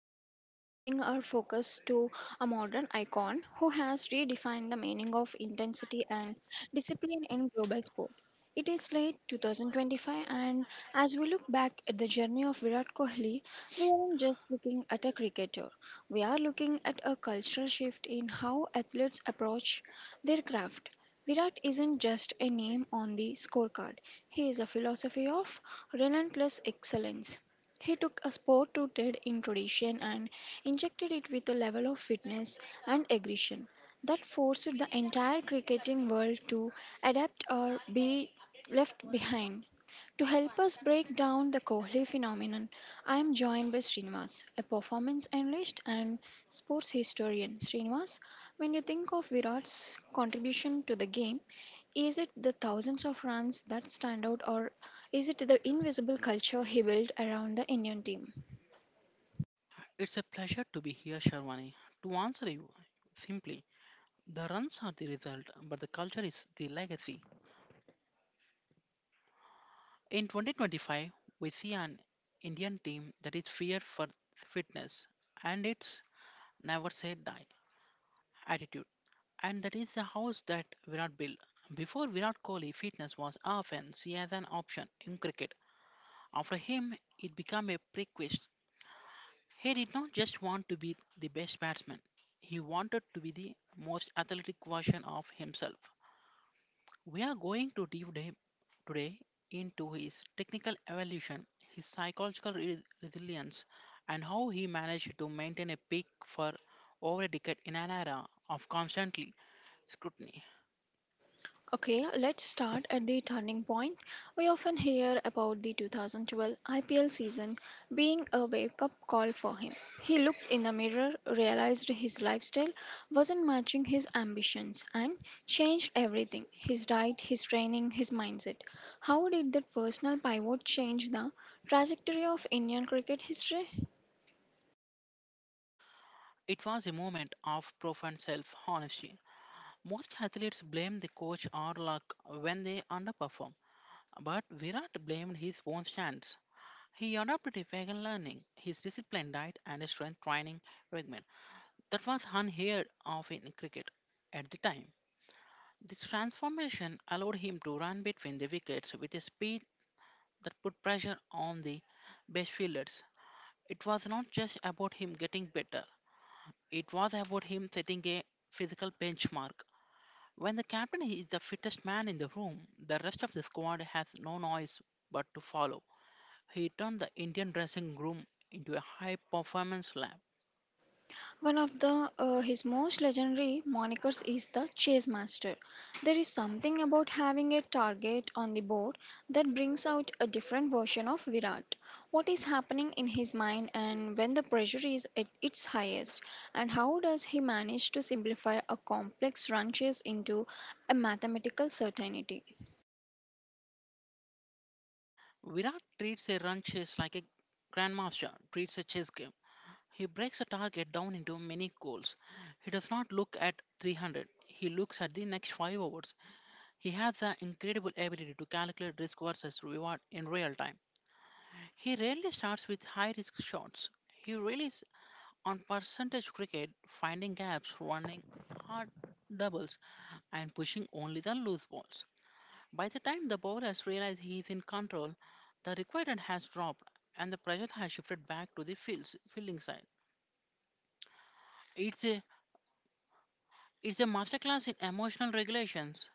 Today we are shifting our focus to a modern icon who has redefined the meaning of intensity and discipline in global sport. It is late 2025, and as we look back at the journey of Virat Kohli, we aren't just looking at a cricketer. We are looking at a cultural shift in how athletes approach their craft. Virat isn't just a name on the scorecard, he is a philosophy of relentless excellence. He took a sport rooted in tradition and injected it with a level of fitness and aggression that forced the entire cricketing world to adapt or be left behind. To help us break down the Kohli phenomenon, I am joined by Srinivas, a performance analyst and sports historian. Srinivas, when you think of Virat's contribution to the game, is it the thousands of runs that stand out or is it the invisible culture he built around the Indian team? It's a pleasure to be here, Sharwani. To answer you simply, the runs are the result, but the culture is the legacy. In 2025, we see an Indian team that is feared for fitness and its never say die attitude. And that is the house that Virat built. Before Virat Kohli, fitness was often seen as an option in cricket. After him, it became a prerequisite. He did not just want to be the best batsman, he wanted to be the most athletic version of himself. We are going to deep dive today into his technical evolution, his psychological resilience, and how he managed to maintain a peak for over a decade in an era of constantly scrutiny. Okay, let's start at the turning point. We often hear about the 2012 IPL season being a wake up call for him. He looked in the mirror, realized his lifestyle wasn't matching his ambitions, and changed everything: his diet, his training, his mindset. How did that personal pivot change the trajectory of Indian cricket history? It was a moment of profound self honesty. Most athletes blame the coach or luck when they underperform, but Virat blamed his own stance. He adopted a vegan learning, his disciplined diet, and a strength training regimen that was unheard of in cricket at the time. This transformation allowed him to run between the wickets with a speed that put pressure on the best fielders. It was not just about him getting better, it was about him setting a physical benchmark. When the captain is the fittest man in the room, the rest of the squad has no noise but to follow. He turned the Indian dressing room into a high performance lab. One of the his most legendary monikers is the chase master. There is something about having a target on the board that brings out a different version of Virat. What is happening in his mind and when the pressure is at its highest, and how does he manage to simplify a complex run chase into a mathematical certainty? Virat treats a run chase like a grandmaster treats a chess game. He breaks a target down into many goals. He does not look at 300. He looks at the next 5 overs. He has the incredible ability to calculate risk versus reward in real time. He rarely starts with high risk shots. He relies on percentage cricket, finding gaps, running hard doubles, and pushing only the loose balls. By the time the bowler has realized he is in control, the requirement has dropped and the pressure has shifted back to the fields, fielding side. It's a it's a masterclass in emotional regulations.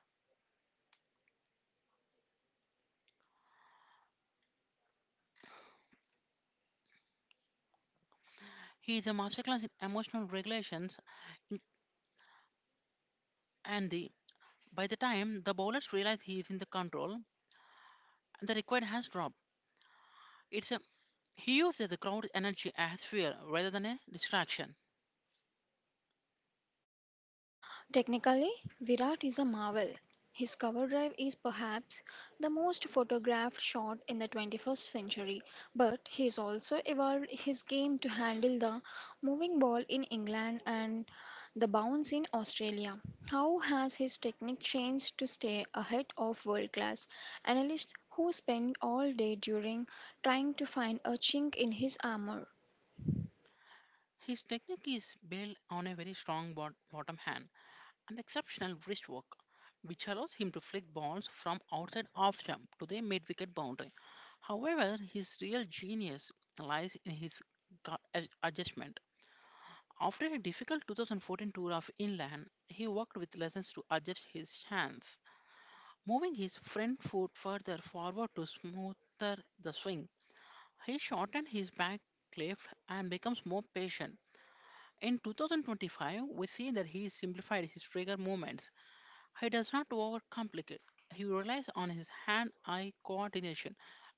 He is a masterclass in emotional regulations, in- and the by the time the bowlers realize he is in the control and the required has dropped, it's a he uses the crowd energy as fuel rather than a distraction. Technically, Virat is a marvel. His cover drive is perhaps the most photographed shot in the 21st century, but he has also evolved his game to handle the moving ball in England and the bounce in Australia. How has his technique changed to stay ahead of world class analysts who spend all day during trying to find a chink in his armor? His technique is built on a very strong bottom hand. An exceptional wrist work, which allows him to flick balls from outside off jump to the mid wicket boundary. However, his real genius lies in his adjustment. After a difficult 2014 tour of England, he worked with lessons to adjust his stance, moving his front foot further forward to smoother the swing. He shortened his back left and becomes more patient. In 2025, we see that he simplified his trigger movements, he does not overcomplicate. He relies on his hand eye coordination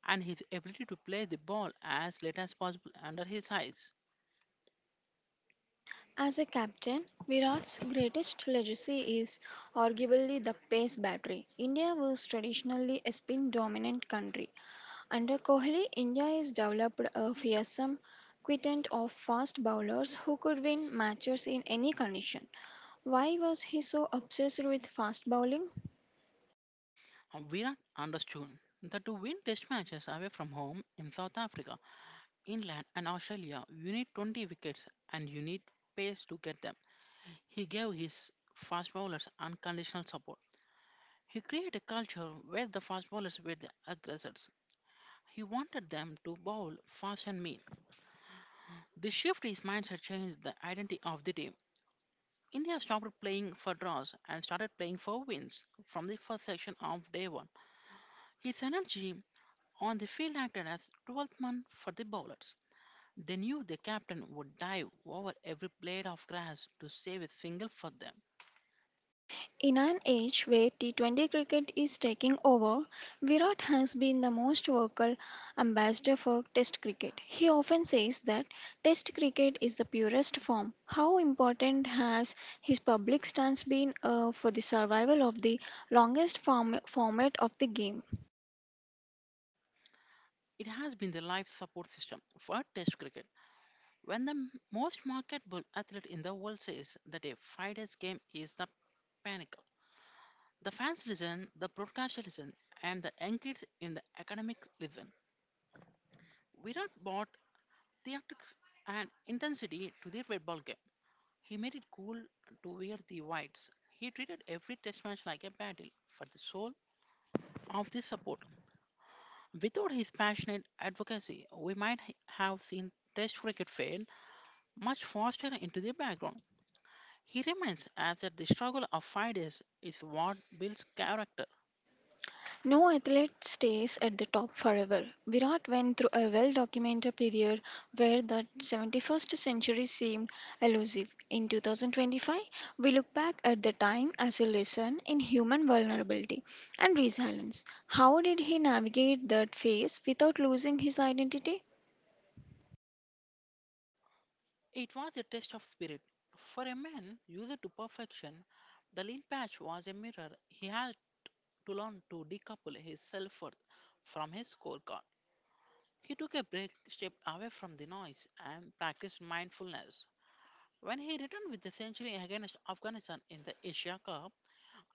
and his ability to play the ball as late as possible under his eyes. As a captain, Virat's greatest legacy is arguably the pace battery. India was traditionally a spin dominant country. Under Kohli, India has developed a fearsome quintet of fast bowlers who could win matches in any condition. Why was he so obsessed with fast bowling? Virat understood that to win test matches away from home in South Africa, England, and Australia, you need 20 wickets and you need pace to get them. He gave his fast bowlers unconditional support. He created a culture where the fast bowlers were the aggressors. He wanted them to bowl fast and mean. This shift in mindset changed the identity of the team. India stopped playing for draws and started playing for wins from the first section of day one. His energy on the field acted as 12th man for the bowlers. They knew the captain would dive over every blade of grass to save a single for them. In an age where T20 cricket is taking over, Virat has been the most vocal ambassador for Test cricket. He often says that Test cricket is the purest form. How important has his public stance been for the survival of the format of the game? It has been the life support system for Test cricket. When the most marketable athlete in the world says that a 5 days game is the panic, the fans listen, the broadcaster listen, and the young kids in the academics listen. Virat brought theatrics and intensity to the red ball game. He made it cool to wear the whites. He treated every test match like a battle for the soul of the support. Without his passionate advocacy, we might have seen test cricket fade much faster into the background. He reminds us that the struggle of 5 days is what builds character. No athlete stays at the top forever. Virat went through a well documented period where the 71st century seemed elusive. In 2025, we look back at the time as a lesson in human vulnerability and resilience. How did he navigate that phase without losing his identity? It was a test of spirit. For a man used to perfection, the lean patch was a mirror. He had to learn to decouple his self worth from his scorecard. He took a break, stepped away from the noise, and practiced mindfulness. When he returned with the century against Afghanistan in the Asia Cup,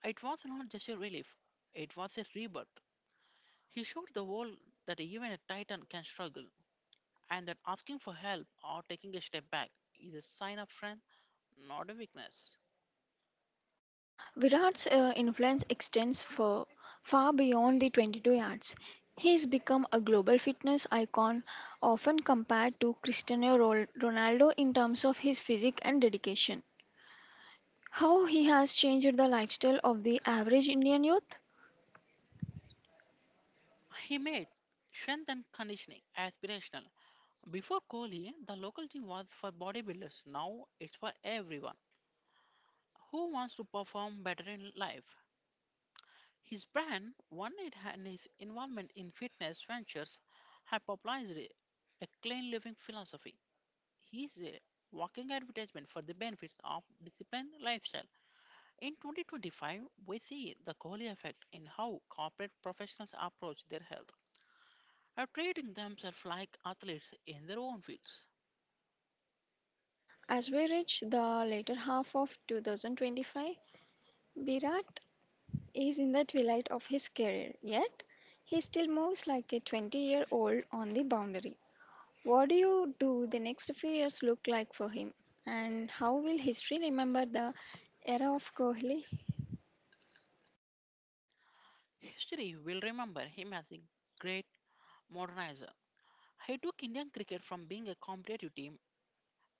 it was not just a relief, it was a rebirth. He showed the world that even a titan can struggle, and that asking for help or taking a step back is a sign of strength, not a weakness. Virat's influence extends for far beyond the 22 yards. He has become a global fitness icon, often compared to Cristiano Ronaldo in terms of his physique and dedication. How he has changed the lifestyle of the average Indian youth? He made strength and conditioning aspirational. Before Kohli, the local team was for bodybuilders. Now it's for everyone who wants to perform better in life. His brand, One It and his involvement in fitness ventures have popularized a clean living philosophy. He is a walking advertisement for the benefits of disciplined lifestyle. In 2025, we see the Kohli effect in how corporate professionals approach their health. Are treating themselves like athletes in their own fields. As we reach the later half of 2025, Virat is in the twilight of his career, yet he still moves like a 20-year-old on the boundary. What do you do the next few years look like for him? And how will history remember the era of Kohli? History will remember him as a great modernizer. He took Indian cricket from being a competitive team,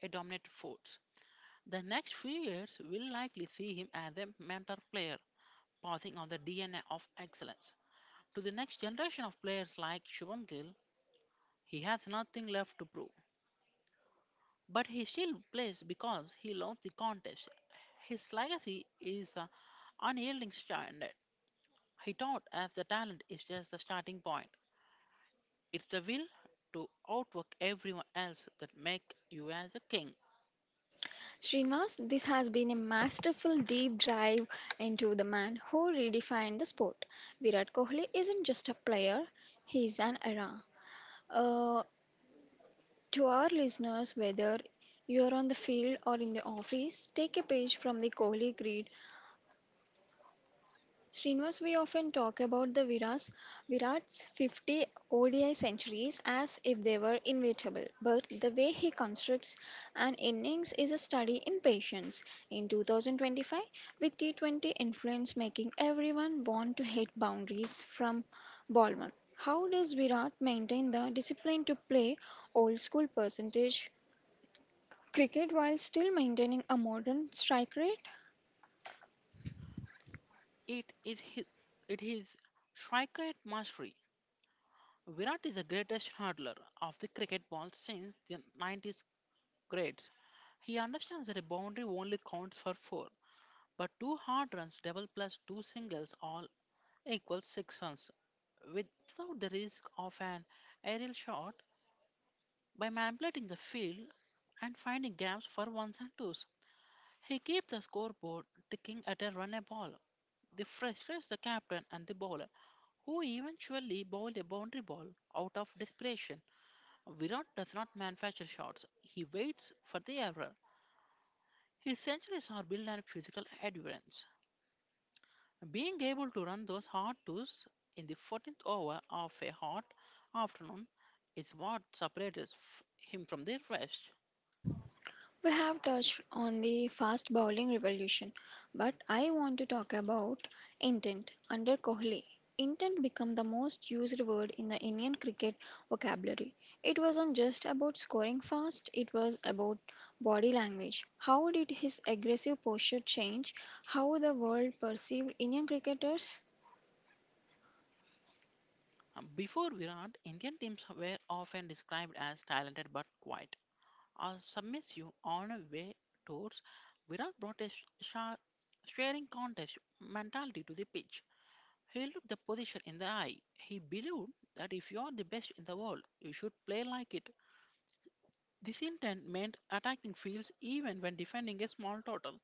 a dominant force. The next few years will likely see him as a mentor player, passing on the DNA of excellence. To the next generation of players like Shubham Gill, he has nothing left to prove. But he still plays because he loves the contest. His legacy is the unyielding standard. He taught us the talent is just the starting point. It's the will to outwork everyone else that make you as a king. Srinivas, this has been a masterful deep dive into the man who redefined the sport. Virat Kohli isn't just a player, he's an era. Uh, to our listeners, whether you're on the field or in the office, take a page from the Kohli grid. Srinivas, we often talk about Virat's 50 ODI centuries as if they were inevitable, but the way he constructs an innings is a study in patience. In 2025, with T20 influence making everyone want to hit boundaries from ball one, how does Virat maintain the discipline to play old school percentage cricket while still maintaining a modern strike rate? It is his, it is strikeate mastery. Virat is the greatest hurdler of the cricket ball since the 90's grades. He understands that a boundary only counts for four, but two hard runs, double plus two singles, all equals six runs. Without the risk of an aerial shot, by manipulating the field and finding gaps for ones and twos. He keeps the scoreboard ticking at a run a ball. This frustrates the captain and the bowler, who eventually bowled a boundary ball out of desperation. Virat does not manufacture shots, he waits for the error. His centuries are built on physical endurance. Being able to run those hard twos in the 14th over of a hot afternoon is what separates him from the rest. We have touched on the fast bowling revolution, but I want to talk about intent under Kohli. Intent became the most used word in the Indian cricket vocabulary. It wasn't just about scoring fast, it was about body language. How did his aggressive posture change how the world perceived Indian cricketers? Before Virat, Indian teams were often described as talented but quiet or submissive on away tours. Virat brought a sharp, staring contest mentality to the pitch. He looked the position in the eye. He believed that if you are the best in the world, you should play like it. This intent meant attacking fields even when defending a small total.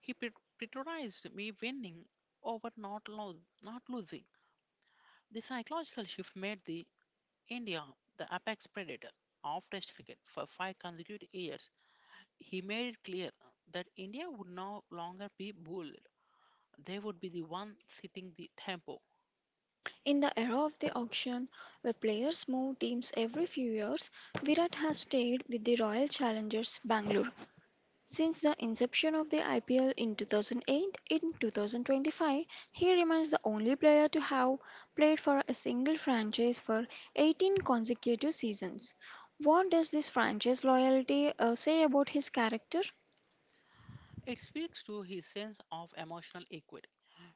He prioritized me winning over not losing. The psychological shift made the India, the apex predator of Test cricket for five consecutive years, he made it clear that India would no longer be bullied. They would be the one setting the tempo. In the era of the auction, where players move teams every few years, Virat has stayed with the Royal Challengers Bangalore since the inception of the IPL in 2008. In 2025, he remains the only player to have played for a single franchise for 18 consecutive seasons. What does this franchise loyalty say about his character? It speaks to his sense of emotional equity.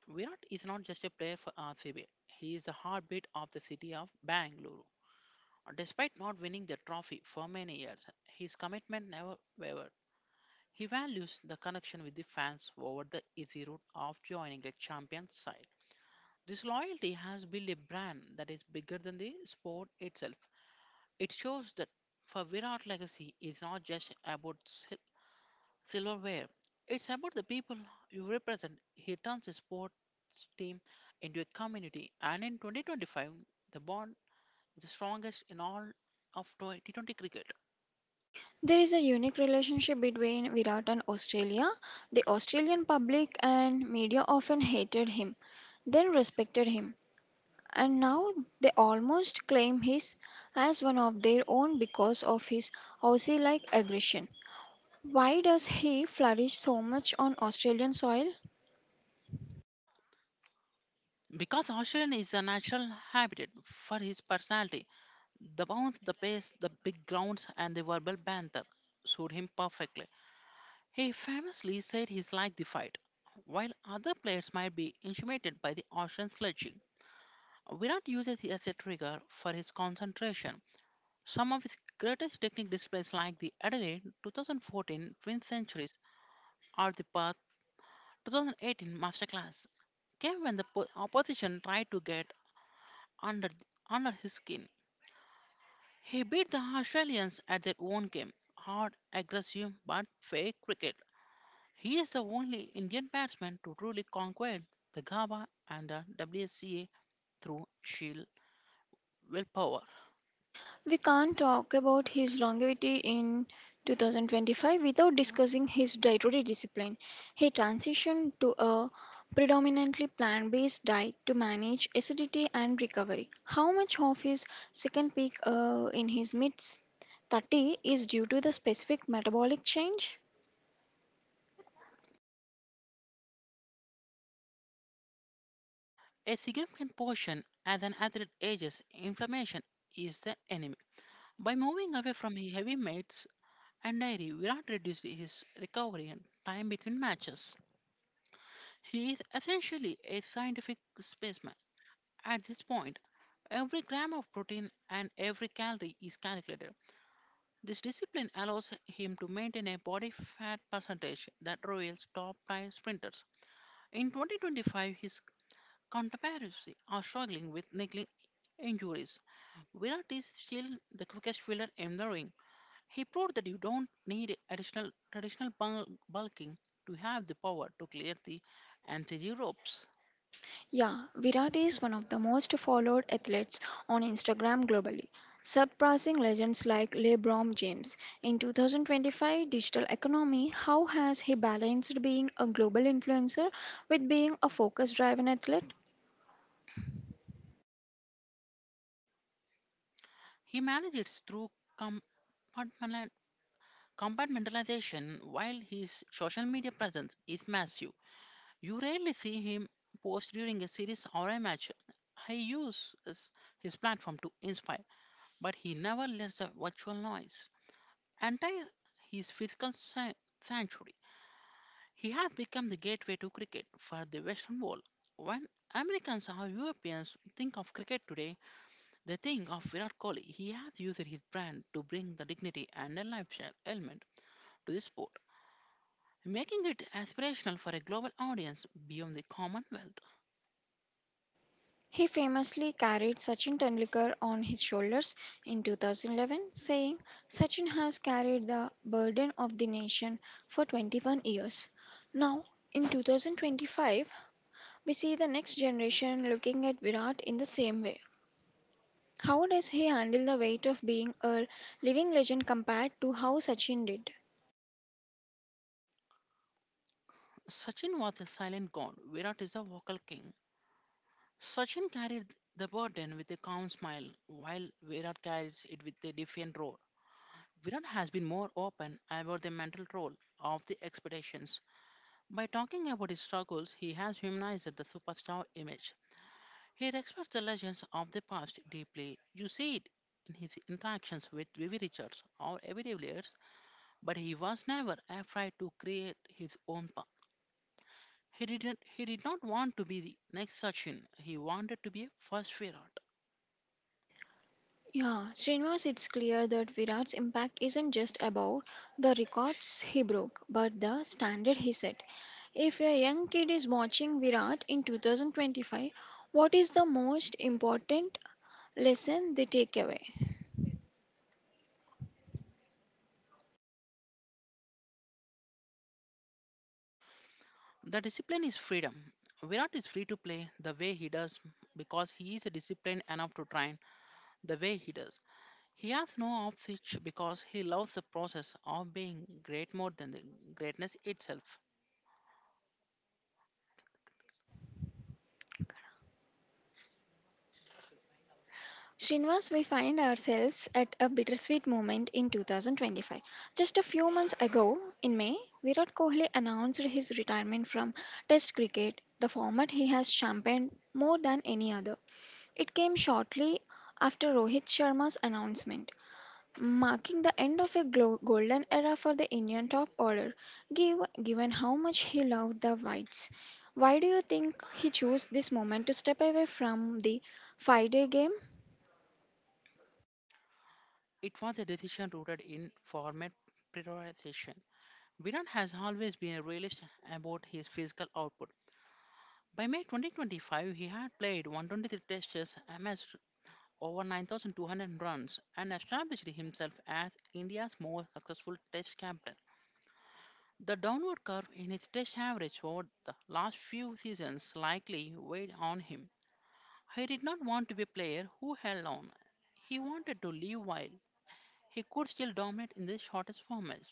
Virat is not just a player for RCB, he is the heartbeat of the city of Bangalore. Despite not winning the trophy for many years, his commitment never wavered. He values the connection with the fans over the easy route of joining a champion side. This loyalty has built a brand that is bigger than the sport itself. It shows that for Virat legacy is not just about silverware. It's about the people you represent. He turns his sports team into a community, and in 2025, the bond is the strongest in all of 2020 cricket. There is a unique relationship between Virat and Australia. The Australian public and media often hated him, then respected him, and now they almost claim his as one of their own because of his Aussie-like aggression. Why does he flourish so much on Australian soil? Because Australian is a natural habitat for his personality, the bounce, the pace, the big grounds, and the verbal banter suit him perfectly. He famously said he's like the fight. While other players might be intimidated by the ocean sledging, Virat uses it as a trigger for his concentration. Some of his greatest technique displays, like the Adelaide 2014 twin centuries or the Perth 2018 masterclass, came when the opposition tried to get under under his skin. He beat the Australians at their own game, hard, aggressive, but fair cricket. He is the only Indian batsman to truly conquer the GABA and the WSCA through sheer willpower. We can't talk about his longevity in 2025 without discussing his dietary discipline. He transitioned to a predominantly plant-based diet to manage acidity and recovery. How much of his second peak in his mid 30 is due to the specific metabolic change? A significant portion as an athlete ages, inflammation is the enemy. By moving away from his heavy mates and dairy, Virat reduced his recovery and time between matches. He is essentially a scientific specimen. At this point, every gram of protein and every calorie is calculated. This discipline allows him to maintain a body fat percentage that rivals top time sprinters. In 2025, his counterparts are struggling with niggling injuries. Virat is still the quickest fielder in the ring. He proved that you don't need additional traditional bulking to have the power to clear the anti ropes. Yeah, Virat is one of the most followed athletes on Instagram globally, surpassing legends like LeBron James. In 2025 digital economy, how has he balanced being a global influencer with being a focus-driven athlete? He manages through compartmentali- compartmentalization while his social media presence is massive. You rarely see him post during a series or a match. He uses his platform to inspire, but he never lets the virtual noise enter his sanctuary. He has become the gateway to cricket for the Western world. When Americans or Europeans think of cricket today, they think of Virat Kohli. He has used his brand to bring the dignity and a lifestyle element to the sport, making it aspirational for a global audience beyond the Commonwealth. He famously carried Sachin Tendulkar on his shoulders in 2011, saying, "Sachin has carried the burden of the nation for 21 years." Now, in 2025, we see the next generation looking at Virat in the same way. How does he handle the weight of being a living legend compared to how Sachin did? Sachin was a silent god, Virat is a vocal king. Sachin carried the burden with a calm smile, while Virat carries it with a defiant roar. Virat has been more open about the mental role of the expeditions. By talking about his struggles, he has humanized the superstar image. He respects the legends of the past deeply. You see it in his interactions with Vivi Richards or Evie de Villiers, but he was never afraid to create his own path. He did not want to be the next Sachin. He wanted to be a first Virat. Yeah, Srinivas, it's clear that Virat's impact isn't just about the records he broke, but the standard he set. If a young kid is watching Virat in 2025, what is the most important lesson they take away? The discipline is freedom. Virat is free to play the way he does because he is disciplined enough to train the way he does. He has no off switch because he loves the process of being great more than the greatness itself. Srinivas, we find ourselves at a bittersweet moment in 2025. Just a few months ago, in May, Virat Kohli announced his retirement from Test cricket, the format he has championed more than any other. It came shortly after Rohit Sharma's announcement, marking the end of a golden era for the Indian top order, given how much he loved the Whites. Why do you think he chose this moment to step away from the five-day game? It was a decision rooted in format prioritization. Virat has always been a realist about his physical output. By May 2025, he had played 123 test matches, over 9,200 runs and established himself as India's most successful Test captain. The downward curve in his Test average over the last few seasons likely weighed on him. He did not want to be a player who held on. He wanted to live while he could still dominate in the shortest formats.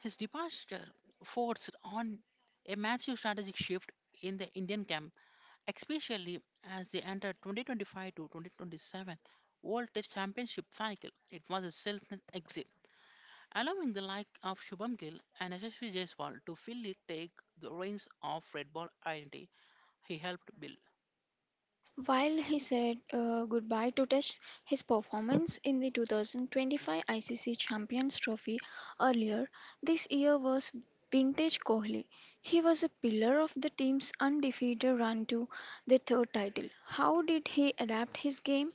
His departure forced on a massive strategic shift in the Indian camp, especially as they entered 2025 to 2027 World Test Championship cycle. It was a selfless exit, allowing the like of Shubham Gill and Yashasvi Jaiswal to fully take the reins of Red Ball identity he helped build. While he said goodbye to Test, his performance in the 2025 ICC Champions Trophy earlier this year was vintage Kohli. He was a pillar of the team's undefeated run to the third title. How did he adapt his game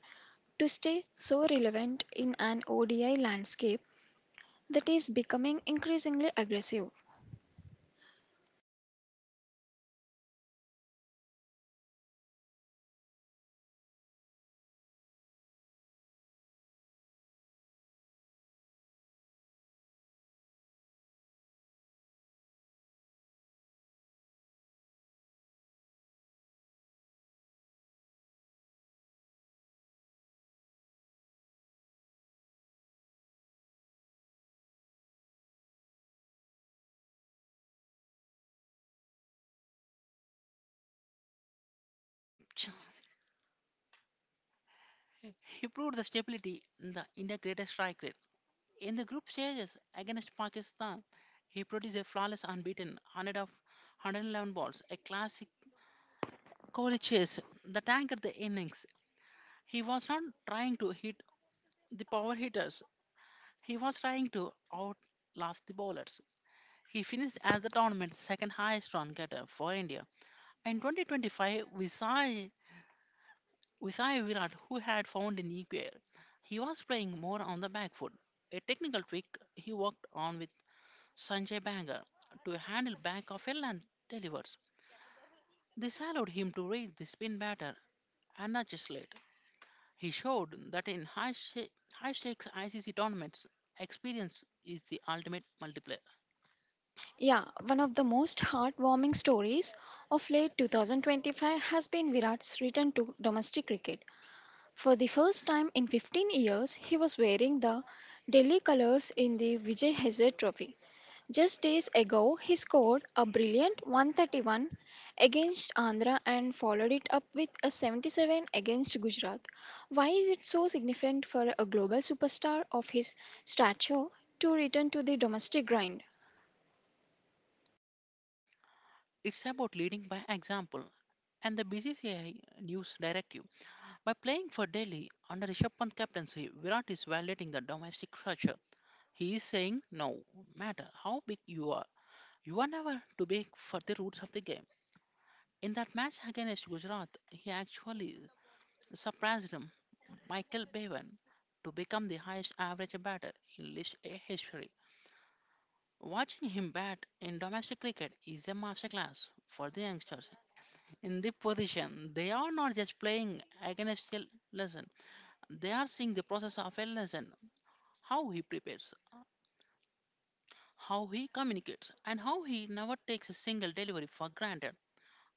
to stay so relevant in an ODI landscape that is becoming increasingly aggressive? Ch- He proved the stability in the India greatest strike rate. In the group stages against Pakistan, he produced a flawless unbeaten 100 of 111 balls, a classic Kohli chase that anchored the innings. He was not trying to hit the power hitters. He was trying to outlast the bowlers. He finished as the tournament's second highest run getter for India. In 2025, we saw Visay Virat, who had found an equal, he was playing more on the back foot. A technical trick he worked on with Sanjay Bangar to handle back of a length delivers. This allowed him to read the spin batter and not just late. He showed that in high stakes ICC tournaments, experience is the ultimate multiplier. Yeah, one of the most heartwarming stories of late 2025 has been Virat's return to domestic cricket. For the first time in 15 years, he was wearing the Delhi colours in the Vijay Hazare Trophy. Just days ago, he scored a brilliant 131 against Andhra and followed it up with a 77 against Gujarat. Why is it so significant for a global superstar of his stature to return to the domestic grind? It's about leading by example, and the BCCI news directive. By playing for Delhi under Rishabh Pant's captaincy, Virat is violating the domestic structure. He is saying, no matter how big you are never too big for the roots of the game. In that match against Gujarat, he actually surpassed him, Michael Bevan, to become the highest average batter in List A history. Watching him bat in domestic cricket is a masterclass for the youngsters in the position. They are not just playing against a lesson, they are seeing the process of a lesson, how he prepares, how he communicates, and how he never takes a single delivery for granted.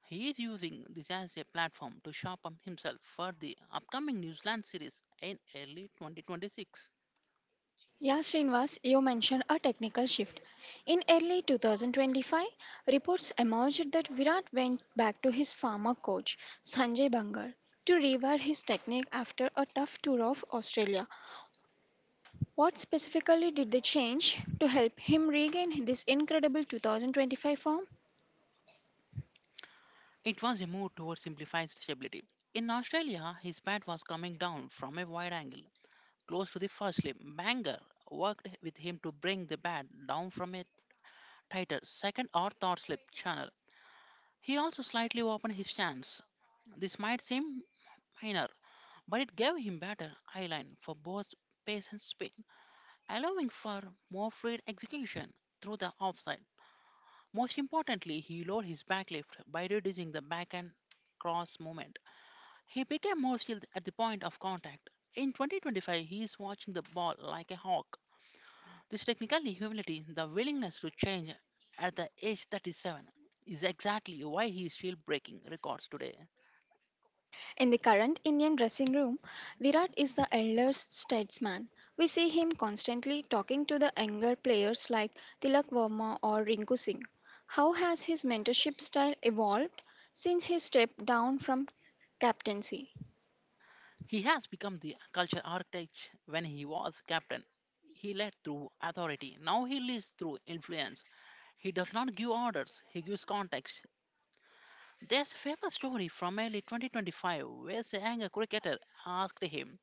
He is using this as a platform to sharpen himself for the upcoming New Zealand series in early 2026. Yeah, Srinivas, you mentioned a technical shift. In early 2025, reports emerged that Virat went back to his former coach, Sanjay Bangar, to rewire his technique after a tough tour of Australia. What specifically did they change to help him regain this incredible 2025 form? It was a move towards simplified stability. In Australia, his bat was coming down from a wide angle, close to the first slip. Banger worked with him to bring the bat down from a titled Second or Third Slip Channel. He also slightly opened his stance. This might seem minor, but it gave him better eye line for both pace and spin, allowing for more fluid execution through the offside. Most importantly, he lowered his backlift by reducing the backhand cross movement. He became more skilled at the point of contact. In 2025, he is watching the ball like a hawk. This technically humility, the willingness to change at the age 37, is exactly why he is still breaking records today. In the current Indian dressing room, Virat is the elder statesman. We see him constantly talking to the younger players like Tilak Verma or Rinku Singh. How has his mentorship style evolved since he stepped down from captaincy? He has become the culture architect. When he was captain, he led through authority. Now he leads through influence. He does not give orders, he gives context. There's a famous story from early 2025 where a younger cricketer asked him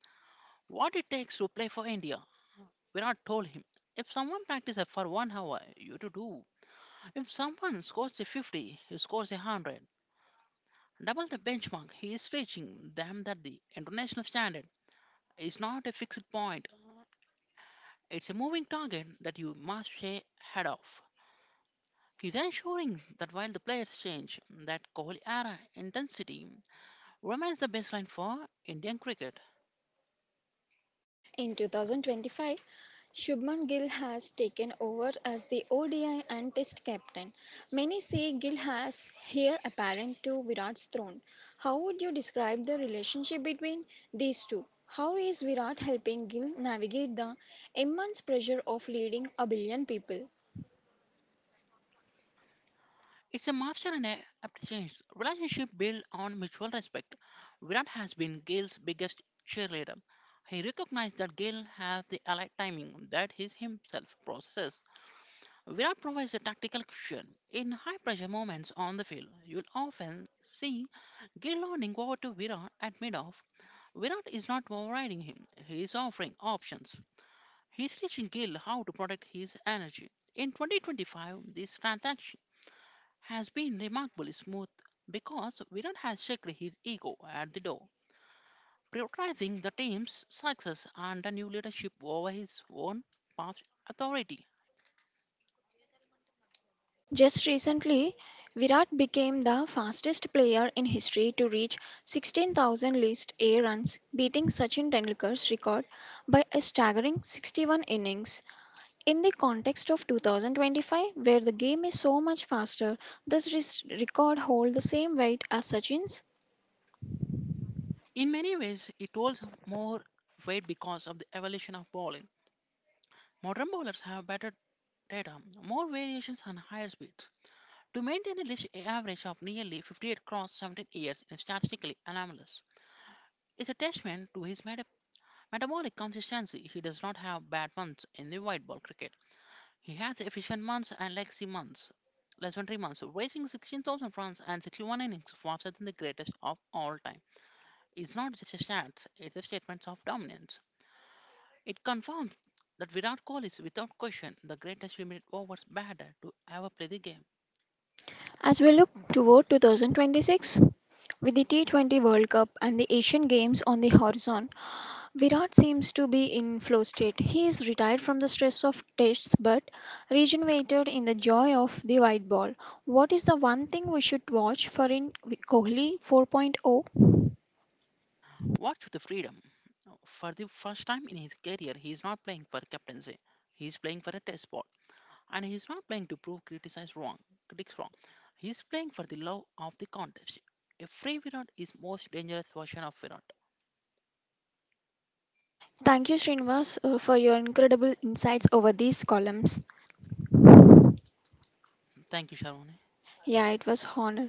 what it takes to play for India. Virat told him, if someone practices for 1 hour, you to do. If someone scores a 50, he scores a 100, double the benchmark he is reaching, them that the international standard is not a fixed point, it's a moving target that you must stay ahead of. He's ensuring that while the players change, that Kohli era intensity remains the baseline for Indian cricket. In 2025, Shubman Gill has taken over as the ODI and Test captain. Many say Gill has here apparent to Virat's throne. How would you describe the relationship between these two? How is Virat helping Gill navigate the immense pressure of leading a billion people? It's a master and a appreciation. Relationship built on mutual respect. Virat has been Gale's biggest cheerleader. He recognized that Gale has the allied timing that he himself processes. Virat provides a tactical cushion. In high pressure moments on the field, you'll often see Gale nodding over to Virat at mid off. Virat is not overriding him, he is offering options. He's teaching Gale how to protect his energy. In 2025, this transaction has been remarkably smooth because Virat has checked his ego at the door, prioritizing the team's success and the new leadership over his own past authority. Just recently, Virat became the fastest player in history to reach 16,000 List A runs, beating Sachin Tendulkar's record by a staggering 61 innings. In the context of 2025, where the game is so much faster, this record hold the same weight as Sachin's. In many ways, it holds more weight because of the evolution of bowling. Modern bowlers have better data, more variations, and higher speeds. To maintain a list average of nearly 58 across 17 years is statistically anomalous. It's a testament to his metabolic consistency. He does not have bad months in the white ball cricket. He had the efficient months and legacy months. Legendary months, racing 16,000 runs and 61 innings faster than the greatest of all time. It's not just a stats, it's a statement of dominance. It confirms that Virat Kohli is without question the greatest limited overs batter to ever play the game. As we look toward 2026, with the T20 World Cup and the Asian Games on the horizon, Virat seems to be in flow state. He is retired from the stress of tests but rejuvenated in the joy of the white ball. What is the one thing we should watch for in Kohli 4.0? Watch the freedom. For the first time in his career, he is not playing for captaincy. He is playing for a test spot, and he's not playing to prove criticize wrong critics wrong. He's playing for the love of the contest. A free Virat is most dangerous version of Virat. Thank you, Srinivas, for your incredible insights over these columns. Thank you, Sharon. Yeah, it was honor.